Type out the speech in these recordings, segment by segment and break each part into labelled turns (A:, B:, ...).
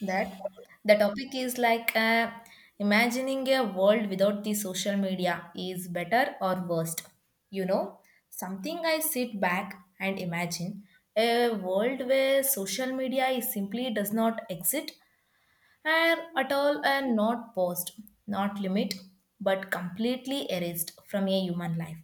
A: That The topic is like imagining a world without the social media is better or worst, you know, something I sit back and imagine. A world where social media is simply does not exist, are at all are not paused, not limit, but completely erased from a human life.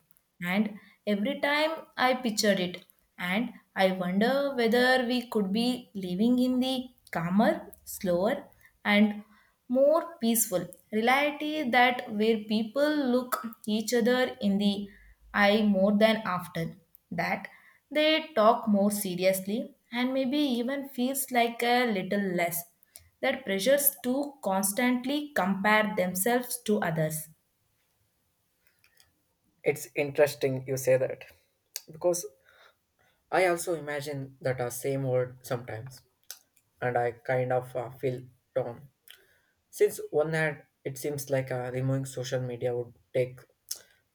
A: And every time I pictured it, and I wonder whether we could be living in the calmer, slower, and more peaceful reality that where people look each other in the eye more than after that they talk more seriously and maybe even feels like a little less that pressures to constantly compare themselves to others.
B: It's interesting you say that because I also imagine that a same word sometimes, and I kind of feel torn. Since one hand, it seems like removing social media would take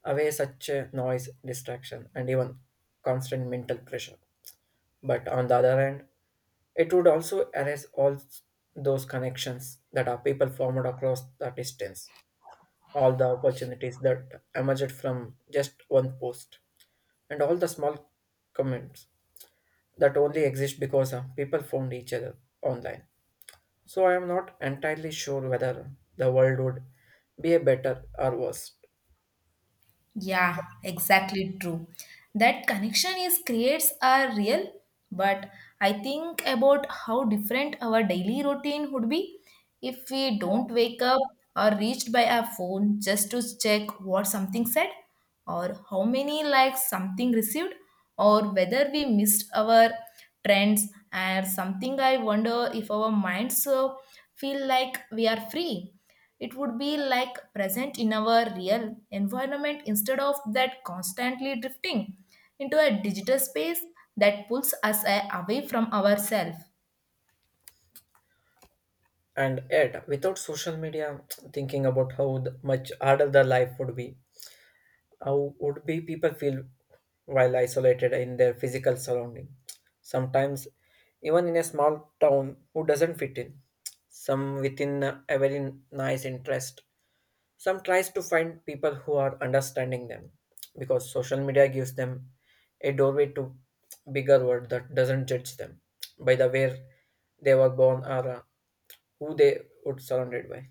B: away such noise, distraction, and even constant mental pressure. But on the other hand, it would also erase all those connections that are people formed across the distance, all the opportunities that emerged from just one post, and all the small comments that only exist because people found each other online. So I am not entirely sure whether the world would be a better or worse.
A: Yeah, exactly true. That connection is creates are real, but I think about how different our daily routine would be if we don't wake up or reached by our phone just to check what something said or how many likes something received or whether we missed our trends and something I wonder if our minds feel like we are free, it would be like present in our real environment instead of that constantly drifting into a digital space that pulls us away from ourselves.
B: And yet, without social media, thinking about how much harder the life would be, how would be people feel while isolated in their physical surrounding, sometimes even in a small town who doesn't fit in some within a very nice interest, some tries to find people who are understanding them because social media gives them a doorway to bigger world that doesn't judge them by the way they were born or who they would surrounded by.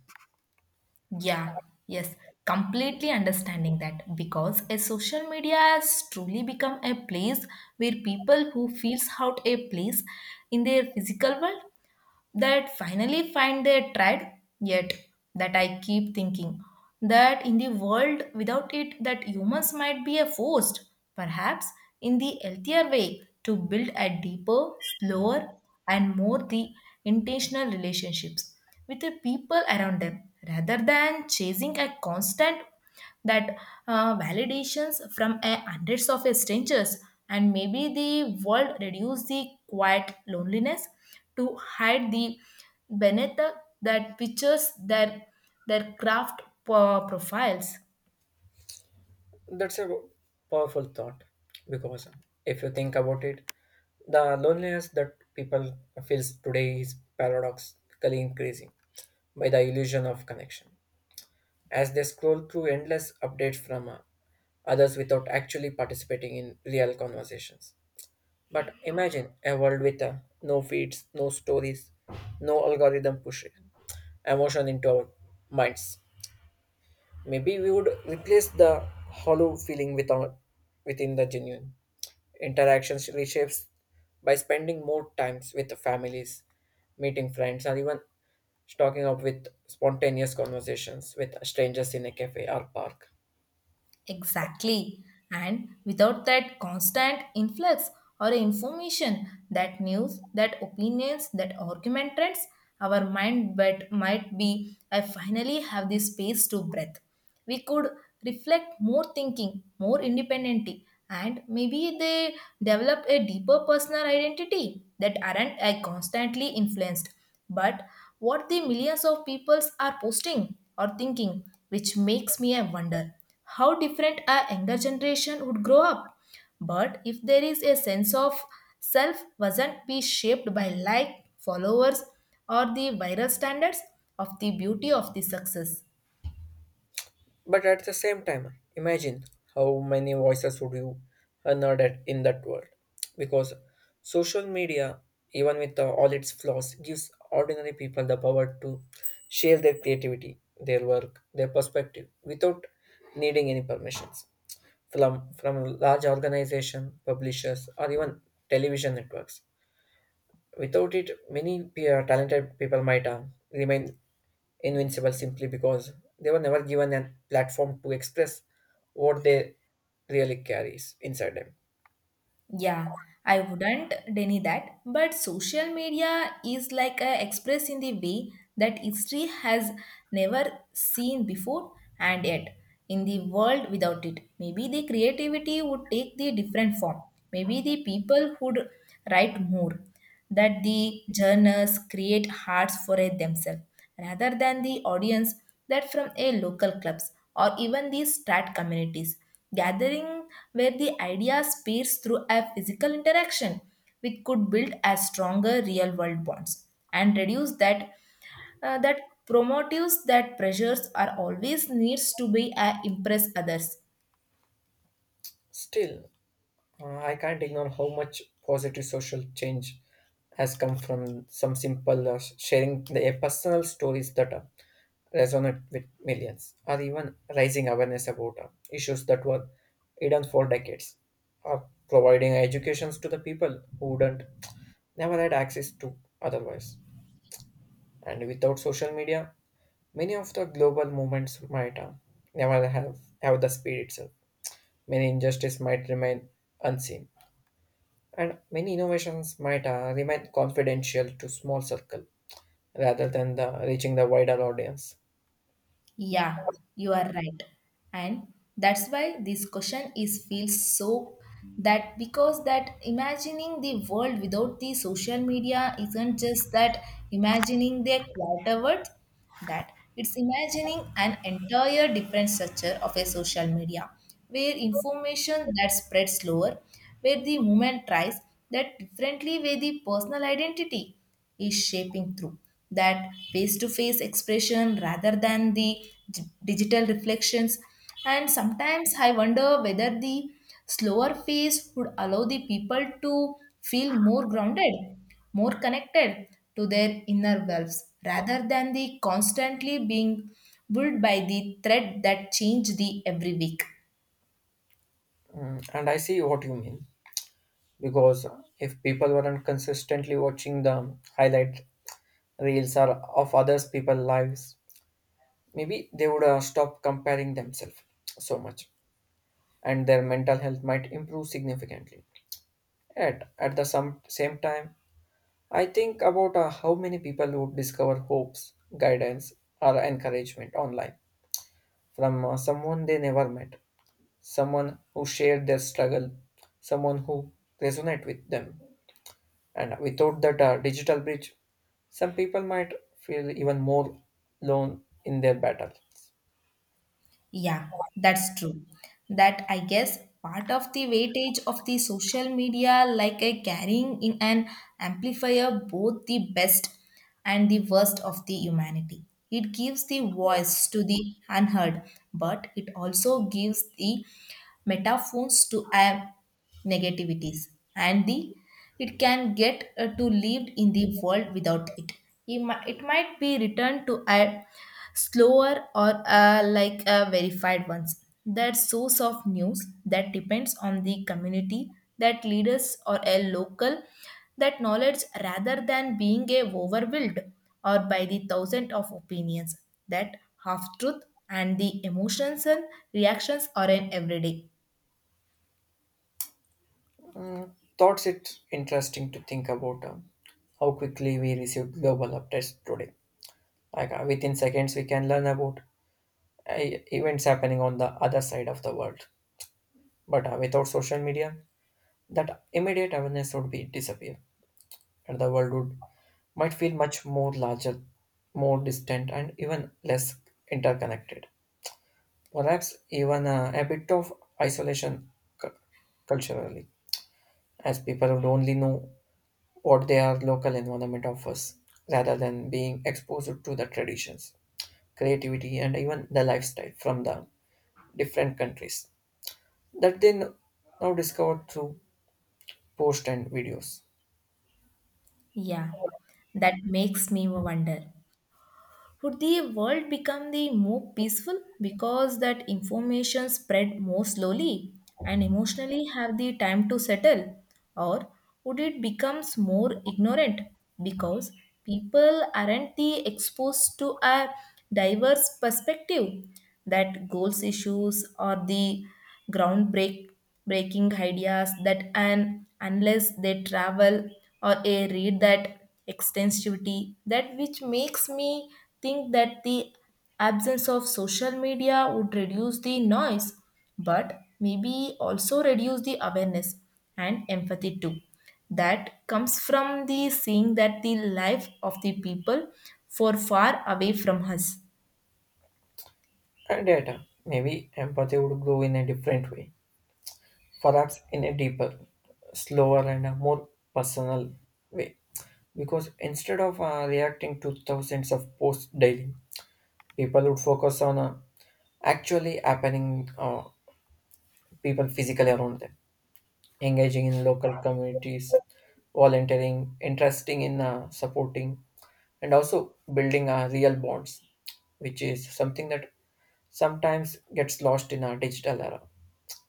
A: Yeah, yes, completely understanding that because a social media has truly become a place where people who feels out a place in their physical world that finally find their tribe. Yet that I keep thinking that in the world without it that humans might be a forced perhaps in the healthier way to build a deeper slower and more the intentional relationships with the people around them rather than chasing a constant that validations from a hundreds of strangers and maybe the world reduce the quiet loneliness to hide the beneath the- that pictures their craft profiles.
B: That's a powerful thought because if you think about it, the loneliness that people feels today is paradoxically increasing by the illusion of connection. As they scroll through endless updates from others without actually participating in real conversations. But imagine a world with no feeds, no stories, no algorithm pushing emotion into our minds. Maybe we would replace the hollow feeling without within the genuine. Interactions reshapes by spending more times with the families, meeting friends, or even stocking up with spontaneous conversations with strangers in a cafe or park.
A: Exactly. And without that constant influx or information, that news, that opinions, that argument trends, our mind but might be I finally have the space to breathe. We could reflect more thinking, more independently, and maybe they develop a deeper personal identity that aren't I constantly influenced but what the millions of peoples are posting or thinking, which makes me I wonder how different a younger generation would grow up. But if there is a sense of self wasn't be shaped by like, followers, or the viral standards of the beauty of the success.
B: But at the same time, imagine how many voices would you honor that in that world. Because social media, even with all its flaws, gives ordinary people the power to share their creativity, their work, their perspective without needing any permissions from large organization, publishers, or even television networks. Without it, many talented people might remain invincible simply because they were never given a platform to express what they really carries inside them.
A: Yeah, I wouldn't deny that, but social media is like a express in the way that history has never seen before and yet in the world without it. Maybe the creativity would take the different form. Maybe the people would write more that the journals create hearts for it themselves rather than the audience that from a local clubs or even the strat communities gathering where the idea speeds through a physical interaction which could build a stronger real world bonds and reduce that that promotives that pressures are always needs to be impress others.
B: Still, I can't ignore how much positive social change has come from some simple sharing the personal stories that resonate with millions, or even raising awareness about issues that were hidden for decades, or providing educations to the people who wouldn't never had access to otherwise. And without social media, many of the global movements might never have, have the speed itself. Many injustices might remain unseen, and many innovations might remain confidential to small circle rather than reaching the wider audience.
A: Yeah, you are right. And that's why this question is feels so that because that imagining the world without the social media isn't just that imagining the quarter world that it's imagining an entire different structure of a social media where information that spreads slower where the movement tries that differently with the personal identity is shaping through that face to face expression rather than the d- digital reflections and sometimes I wonder whether the slower phase would allow the people to feel more grounded, more connected to their inner selves rather than the constantly being pulled by the thread that change the every week.
B: Mm, and I see what you mean because if people weren't consistently watching the highlight reels or of others people's lives, maybe they would stop comparing themselves so much, and their mental health might improve significantly. At the same time, I think about how many people would discover hopes, guidance, or encouragement online from someone they never met, someone who shared their struggle, someone who resonate with them. And without that digital bridge, some people might feel even more alone in their battle.
A: Yeah, that's true. That I guess part of the weightage of the social media, like a carrying in an amplifier, both the best and the worst of the humanity. It gives the voice to the unheard, but it also gives the metaphones to add negativities and the it can get to lived in the world without it, it might be returned to a slower or like a verified ones that source of news that depends on the community that leaders or a local that knowledge rather than being a overwhelmed or by the thousand of opinions that half truth and the emotions and reactions are in everyday.
B: Mm, thoughts it's interesting to think about how quickly we receive global updates today. Like within seconds, we can learn about events happening on the other side of the world. But without social media, that immediate awareness would be disappear, and the world would might feel much more larger, more distant, and even less interconnected. Perhaps even a bit of isolation cu- culturally, as people would only know what their local environment offers, rather than being exposed to the traditions, creativity, and even the lifestyle from the different countries that they now discover through posts and videos
A: Yeah, that makes me wonder. Would the world become the more peaceful because that information spread more slowly and emotionally have the time to settle? Or would it becomes more ignorant because people aren't the exposed to a diverse perspective that goals issues or the groundbreak breaking ideas that and unless they travel or a read that extensivity that which makes me think that the absence of social media would reduce the noise but maybe also reduce the awareness and empathy too that comes from the seeing that the life of the people for far away from us.
B: and data. Maybe empathy would grow in a different way, perhaps in a deeper, slower, and a more personal way. Because instead of reacting to thousands of posts daily, people would focus on actually happening people physically around them, engaging in local communities, volunteering, interesting in supporting, and also building real bonds, which is something that sometimes gets lost in our digital era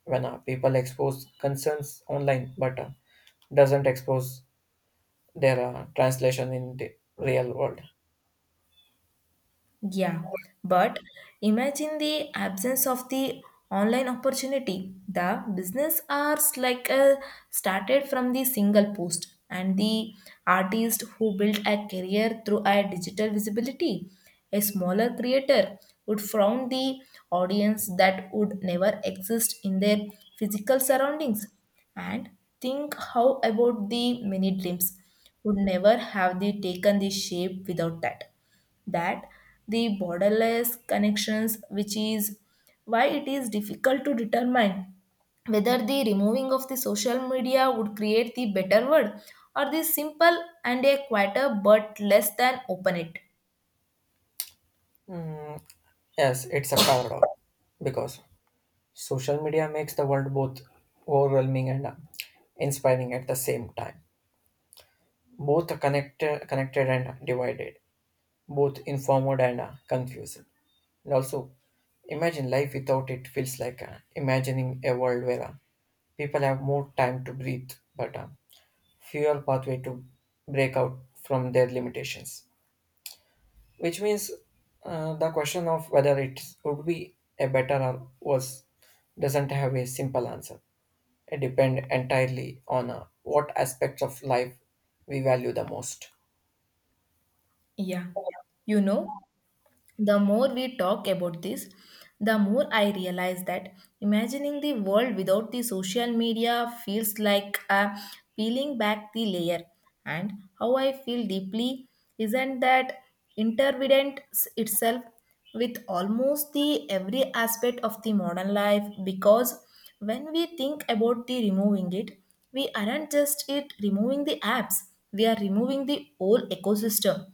B: when our people expose concerns online but doesn't expose their translation in the real world.
A: Yeah, but imagine the absence of the online opportunity. The business arts like started from the single post and the artist who built a career through a digital visibility. A smaller creator would found the audience that would never exist in their physical surroundings. And think how about the many dreams would never have the taken the shape without that the borderless connections which is why it is difficult to determine whether the removing of the social media would create the better world or the simple and a quieter but less than open it.
B: Hmm, yes, it's a paradox because social media makes the world both overwhelming and inspiring at the same time. Both are connected and divided. Both informed and confused. And also, imagine life without it feels like imagining a world where people have more time to breathe, but fewer pathway to break out from their limitations. Which means the question of whether it would be a better or worse doesn't have a simple answer. It depends entirely on what aspects of life we value the most.
A: Yeah, you know, the more we talk about this, the more I realize that imagining the world without the social media feels like peeling back the layer. And how I feel deeply isn't that intervident itself with almost the every aspect of the modern life because when we think about the removing it, we aren't just it removing the apps, we are removing the whole ecosystem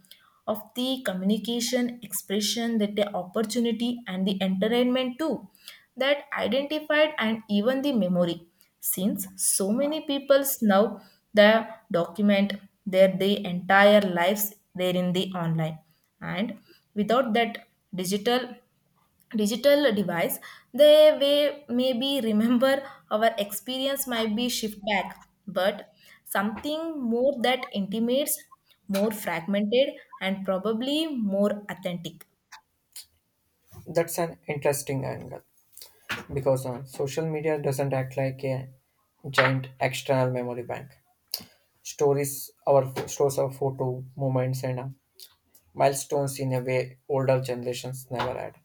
A: of the communication, expression, that the opportunity and the entertainment too, that identified and even the memory. Since so many people now the document their the entire lives there in the online and without that digital digital device the way maybe remember our experience might be shift back but something more that intimates more fragmented and probably more authentic.
B: That's an interesting angle because social media doesn't act like a giant external memory bank. Stories, our stores our photo moments and milestones in a way older generations never had.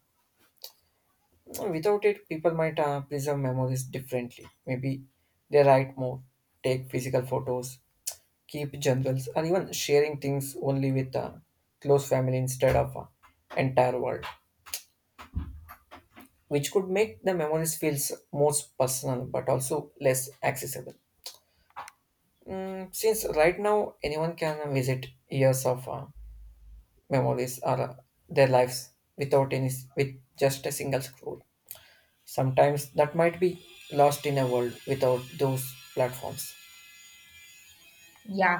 B: Without it, people might preserve memories differently. Maybe they write more, take physical photos, keep journals, or even sharing things only with close family instead of entire world, which could make the memories feels more personal but also less accessible. Since right now anyone can visit years of memories or their lives without any, with just a single scroll. Sometimes that might be lost in a world without those platforms.
A: Yeah,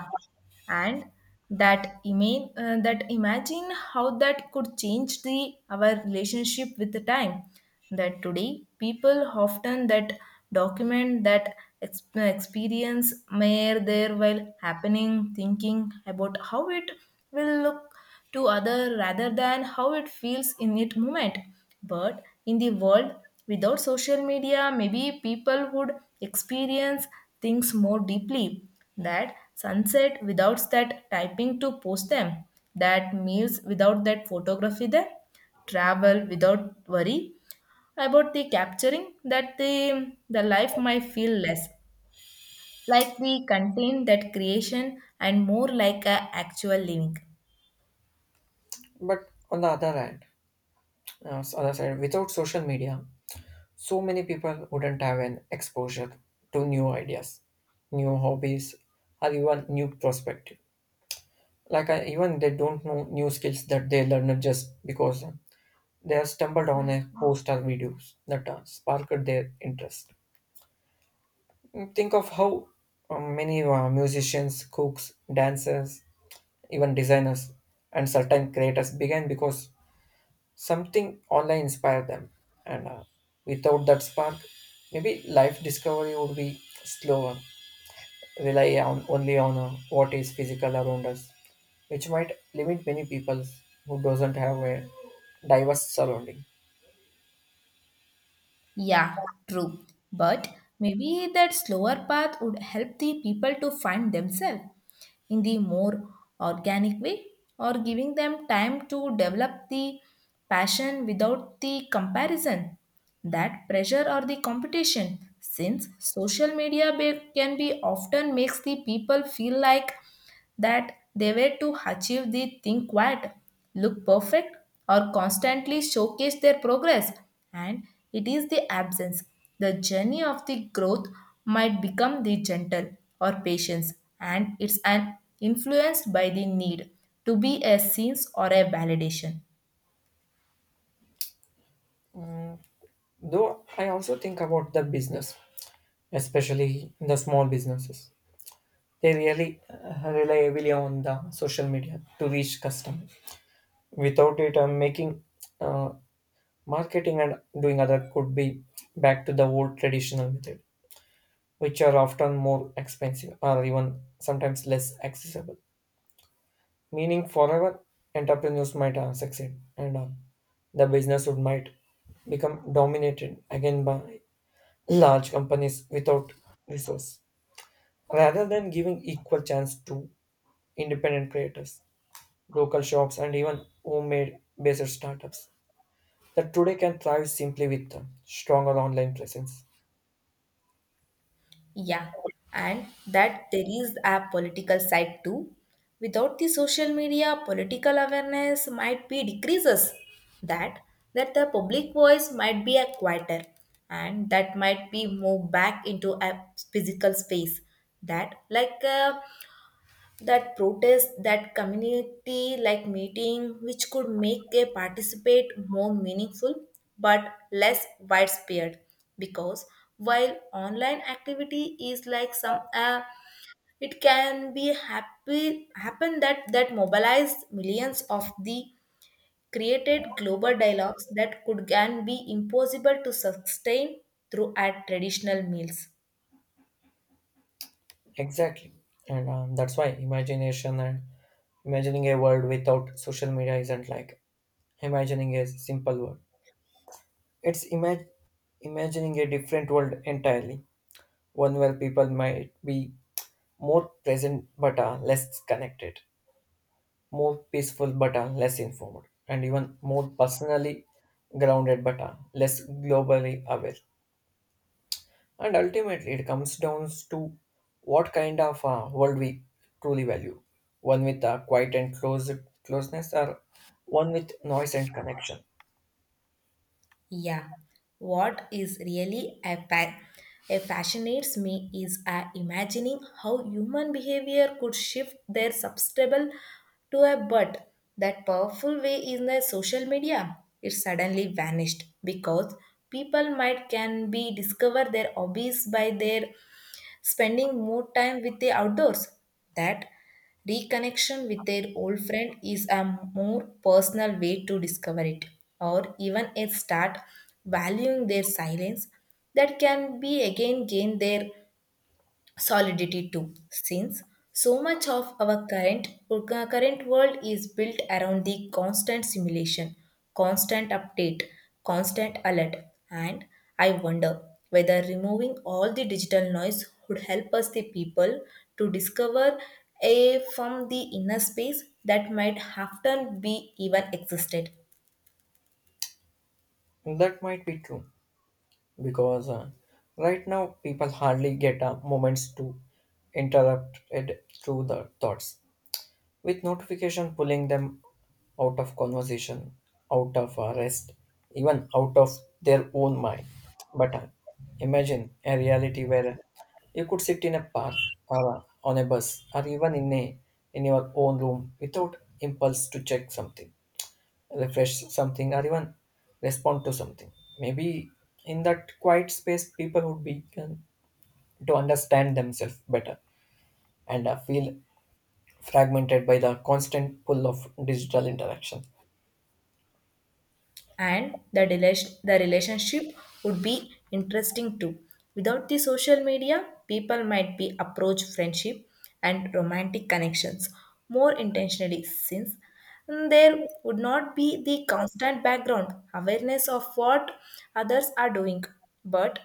A: and that imagine how that could change the our relationship with the time. That today people often that document that experience mere there while happening, thinking about how it will look to other rather than how it feels in it moment but in the world without social media maybe people would experience things more deeply, that sunset without that typing to post them, that meals without that photography them, travel without worry about the capturing that the life might feel less like the contain that creation and more like a actual living.
B: But on the other hand, other side, without social media, so many people wouldn't have an exposure to new ideas, new hobbies, or even new perspective. Like I, even they don't know new skills that they learned just because they have stumbled on a post or videos that sparked their interest. Mm, think of how many musicians, cooks, dancers, even designers and certain creators began because something online inspired them and without that spark, maybe life discovery would be slower, rely on only on what is physical around us, which might limit many people who doesn't have a diverse surrounding.
A: Yeah, true. But maybe that slower path would help the people to find themselves in the more organic way or giving them time to develop the passion without the comparison, that pressure or the competition. Since social media can be often makes the people feel like that they were to achieve the thing quiet, look perfect, or constantly showcase their progress. And it is the absence. The journey of the growth might become the gentle or patience, and it's an influenced by the need to be a sense or a validation.
B: Though I also think about the business, especially the small businesses. They really rely heavily on the social media to reach customers. Without it, I'm making uh, marketing and doing other could be back to the old traditional method, which are often more expensive or even sometimes less accessible. Meaning forever entrepreneurs might succeed and the business would might become dominated again by large companies without resource. Rather than giving equal chance to independent creators, local shops and even homemade based startups that today can thrive simply with a stronger online presence.
A: Yeah, and that there is a political side too. Without the social media, political awareness might be decreases. That that the public voice might be a quieter, and that might be moved back into a physical space. That like that protest that community like meeting which could make a participate more meaningful but less widespread because while online activity is like some it can be happy happen that that mobilized millions of the created global dialogues that could can be impossible to sustain through at traditional meals.
B: Exactly. And that's why imagination and imagining a world without social media isn't like imagining a simple world. It's imagining a different world entirely, one where people might be more present but are less connected, more peaceful but are less informed, and even more personally grounded but are less globally aware. And ultimately, it comes down to what kind of world we truly value, one with uh, closeness, or one with noise and connection.
A: Yeah, what is really a fascinates me is imagining how human behavior could shift their substable to a bird. That powerful way in the social media, it suddenly vanished because people might can be discover their hobbies by their spending more time with the outdoors. That reconnection with their old friend is a more personal way to discover it, or even a start valuing their silence that can be again gain their solidity too since so much of our current current world is built around the constant simulation, constant update, constant alert, and I wonder whether removing all the digital noise would help us the people to discover a from the inner space that might often be even existed.
B: That might be true because right now people hardly get moments to interrupt it through the thoughts, with notification pulling them out of conversation, out of rest, even out of their own mind. But imagine a reality where you could sit in a park or on a bus or even in your own room without impulse to check something, refresh something, or even respond to something. Maybe in that quiet space, people would begin to understand themselves better and feel fragmented by the constant pull of digital interaction.
A: And the, delation, the relationship would be interesting too. Without the social media, people might be approach friendship and romantic connections more intentionally since there would not be the constant background awareness of what others are doing, but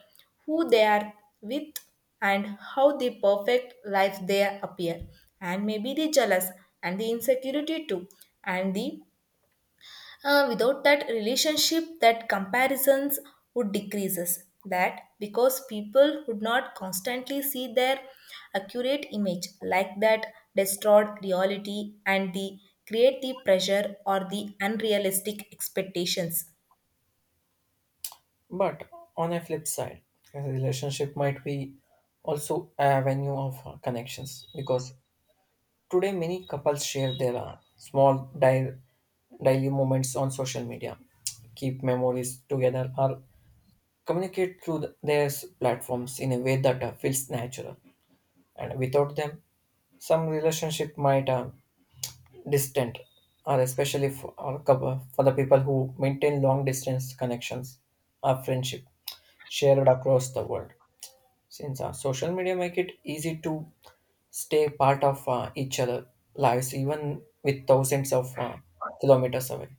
A: who they are with and how the perfect life they appear, and maybe the jealous and the insecurity too, and the without that relationship, that comparisons would decreases. That because people would not constantly see their accurate image like that destroyed reality and the create the pressure or the unrealistic expectations.
B: But on a flip side, a relationship might be also an avenue of connections because today many couples share their small daily moments on social media, keep memories together, or communicate through their platforms in a way that feels natural. And without them, some relationship might distant, or especially or for the people who maintain long distance connections or friendship shared across the world. Since social media make it easy to stay part of each other lives, even with thousands of kilometers away.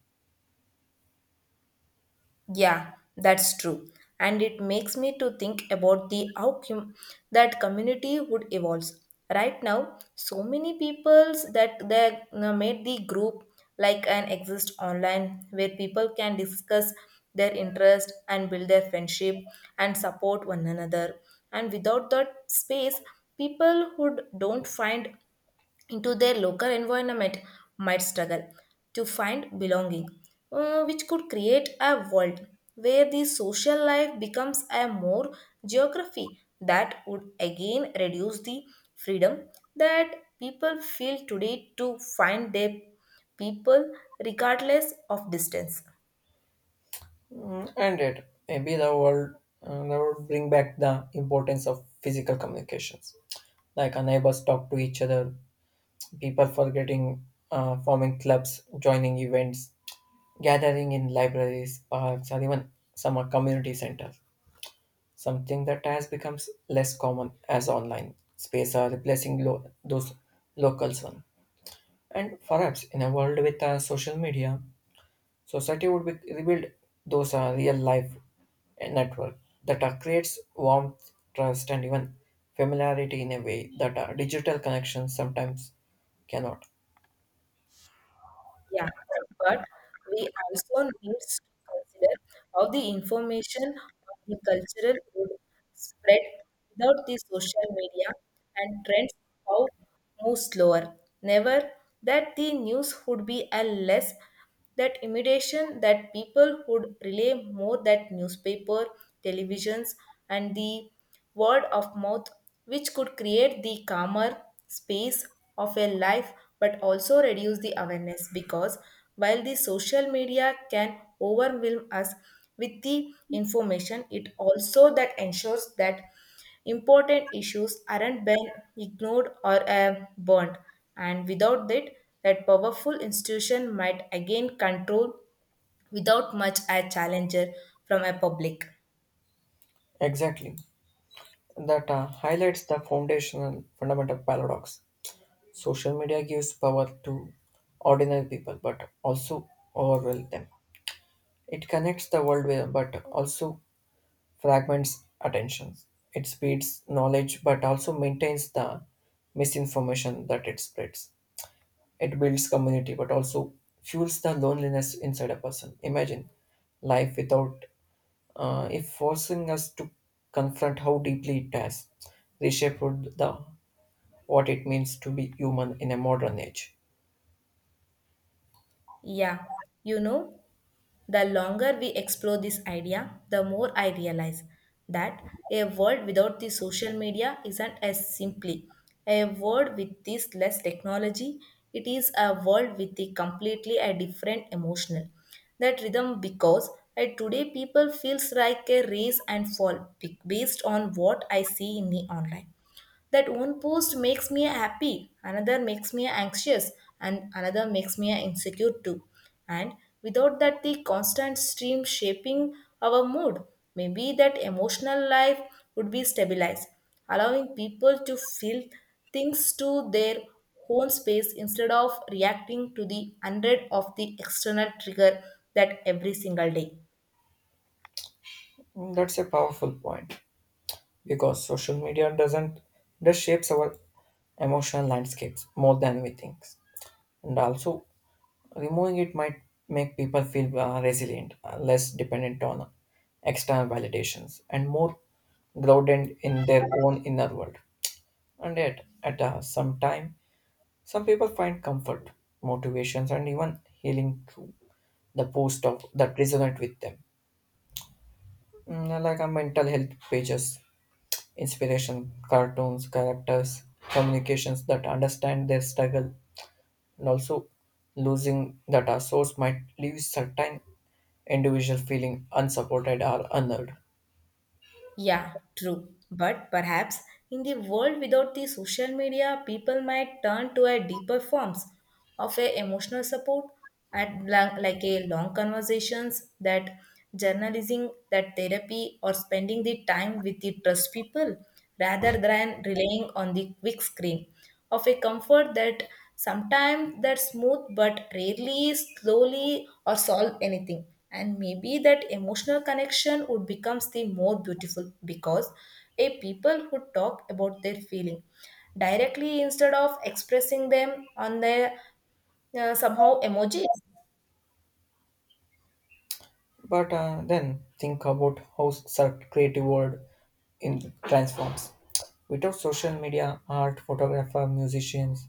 A: Yeah, that's true. And it makes me to think about the that community would evolve. Right now, so many peoples that they made the group like an exist online where people can discuss their interest and build their friendship and support one another. And without that space, people who don't find into their local environment might struggle to find belonging, which could create a world where the social life becomes a more geography that would again reduce the freedom that people feel today to find their people regardless of distance.
B: Mm, and it maybe the world that would bring back the importance of physical communications, like our neighbors talk to each other, people forgetting forming clubs, joining events, gathering in libraries, parks, or even some are community centers, something that has become less common as online space are replacing those locals one. And perhaps in a world with social media, society would be rebuild those real life network that creates warmth, trust, and even familiarity in a way that digital connections sometimes cannot.
A: Yeah, but we also need to consider how the information of the cultural would spread without the social media and trends how move slower. Never that the news would be a less that imitation that people would rely more that newspaper televisions and the word of mouth which could create the calmer space of a life but also reduce the awareness because while the social media can overwhelm us with the information it also that ensures that important issues aren't been ignored or burned, and without that, that powerful institution might again control without much a challenger from a public.
B: Exactly. That highlights the foundational fundamental paradox. Social media gives power to ordinary people but also overwhelms them. It connects the world with, but also fragments attentions. It speeds knowledge but also maintains the misinformation that it spreads. It builds community but also fuels the loneliness inside a person. Imagine life without if forcing us to confront how deeply it has reshaped the what it means to be human in a modern age.
A: Yeah, you know, the longer we explore this idea, the more I realize that a world without the social media isn't as simply a world with this less technology. It is a world with a completely a different emotional that rhythm because today people feels like a race and based on what I see in the online that one post makes me happy, another makes me anxious, and another makes me insecure too. And without that, the constant stream shaping our mood, maybe that emotional life would be stabilized, allowing people to feel things to their own space instead of reacting to the hundred of the external trigger that every single day.
B: Mm, that's a powerful point because social media doesn't just shapes our emotional landscapes more than we think, and also removing it might make people feel resilient, less dependent on external validations, and more grounded in their own inner world. And yet, at some time, some people find comfort, motivations, and even healing through the post of that resonate with them, mm, like a mental health pages, inspiration, cartoons, characters, communications that understand their struggle, and also losing that our source might leave certain individual feeling unsupported or unheard.
A: Yeah, true. But perhaps in the world without the social media, people might turn to a deeper forms of a emotional support at like a long conversations that journalism, that therapy, or spending the time with the trust people rather than relying on the quick screen of a comfort that sometimes that smooth but rarely slowly or solve anything and maybe that emotional connection would becomes the more beautiful because a people who talk about their feeling directly instead of expressing them on their somehow emojis.
B: But then think about how such creative world in transforms. Without social media, art, photographer, musicians,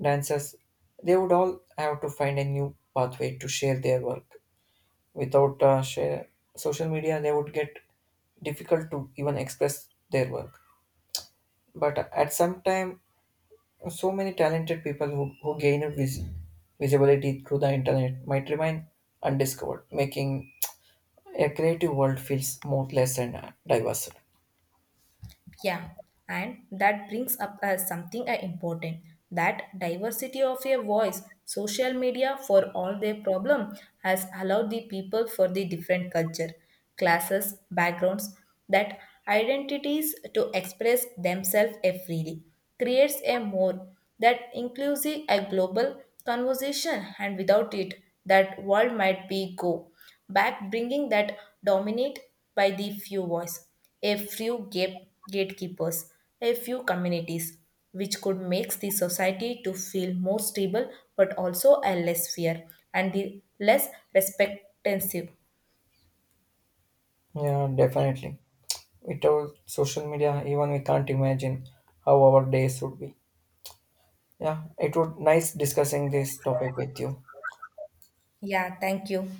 B: dancers, they would all have to find a new pathway to share their work. Without share social media they would get difficult to even express their work, but at some time so many talented people who gain a visibility through the internet might remain undiscovered, making a creative world feels more less and diverse.
A: Yeah, and that brings up something important that diversity of a voice. Social media, for all their problem, has allowed the people for the different culture, classes, backgrounds, that identities to express themselves freely, creates a more that inclusive a global conversation, and without it, that world might be go back bringing that dominate by the few voice, a few gatekeepers, a few communities, which could make the society to feel more stable but also a less fear and the less respectansive.
B: Yeah, definitely, without social media even we can't imagine how our days would be. Yeah, it would nice discussing this topic with you.
A: Yeah, thank you.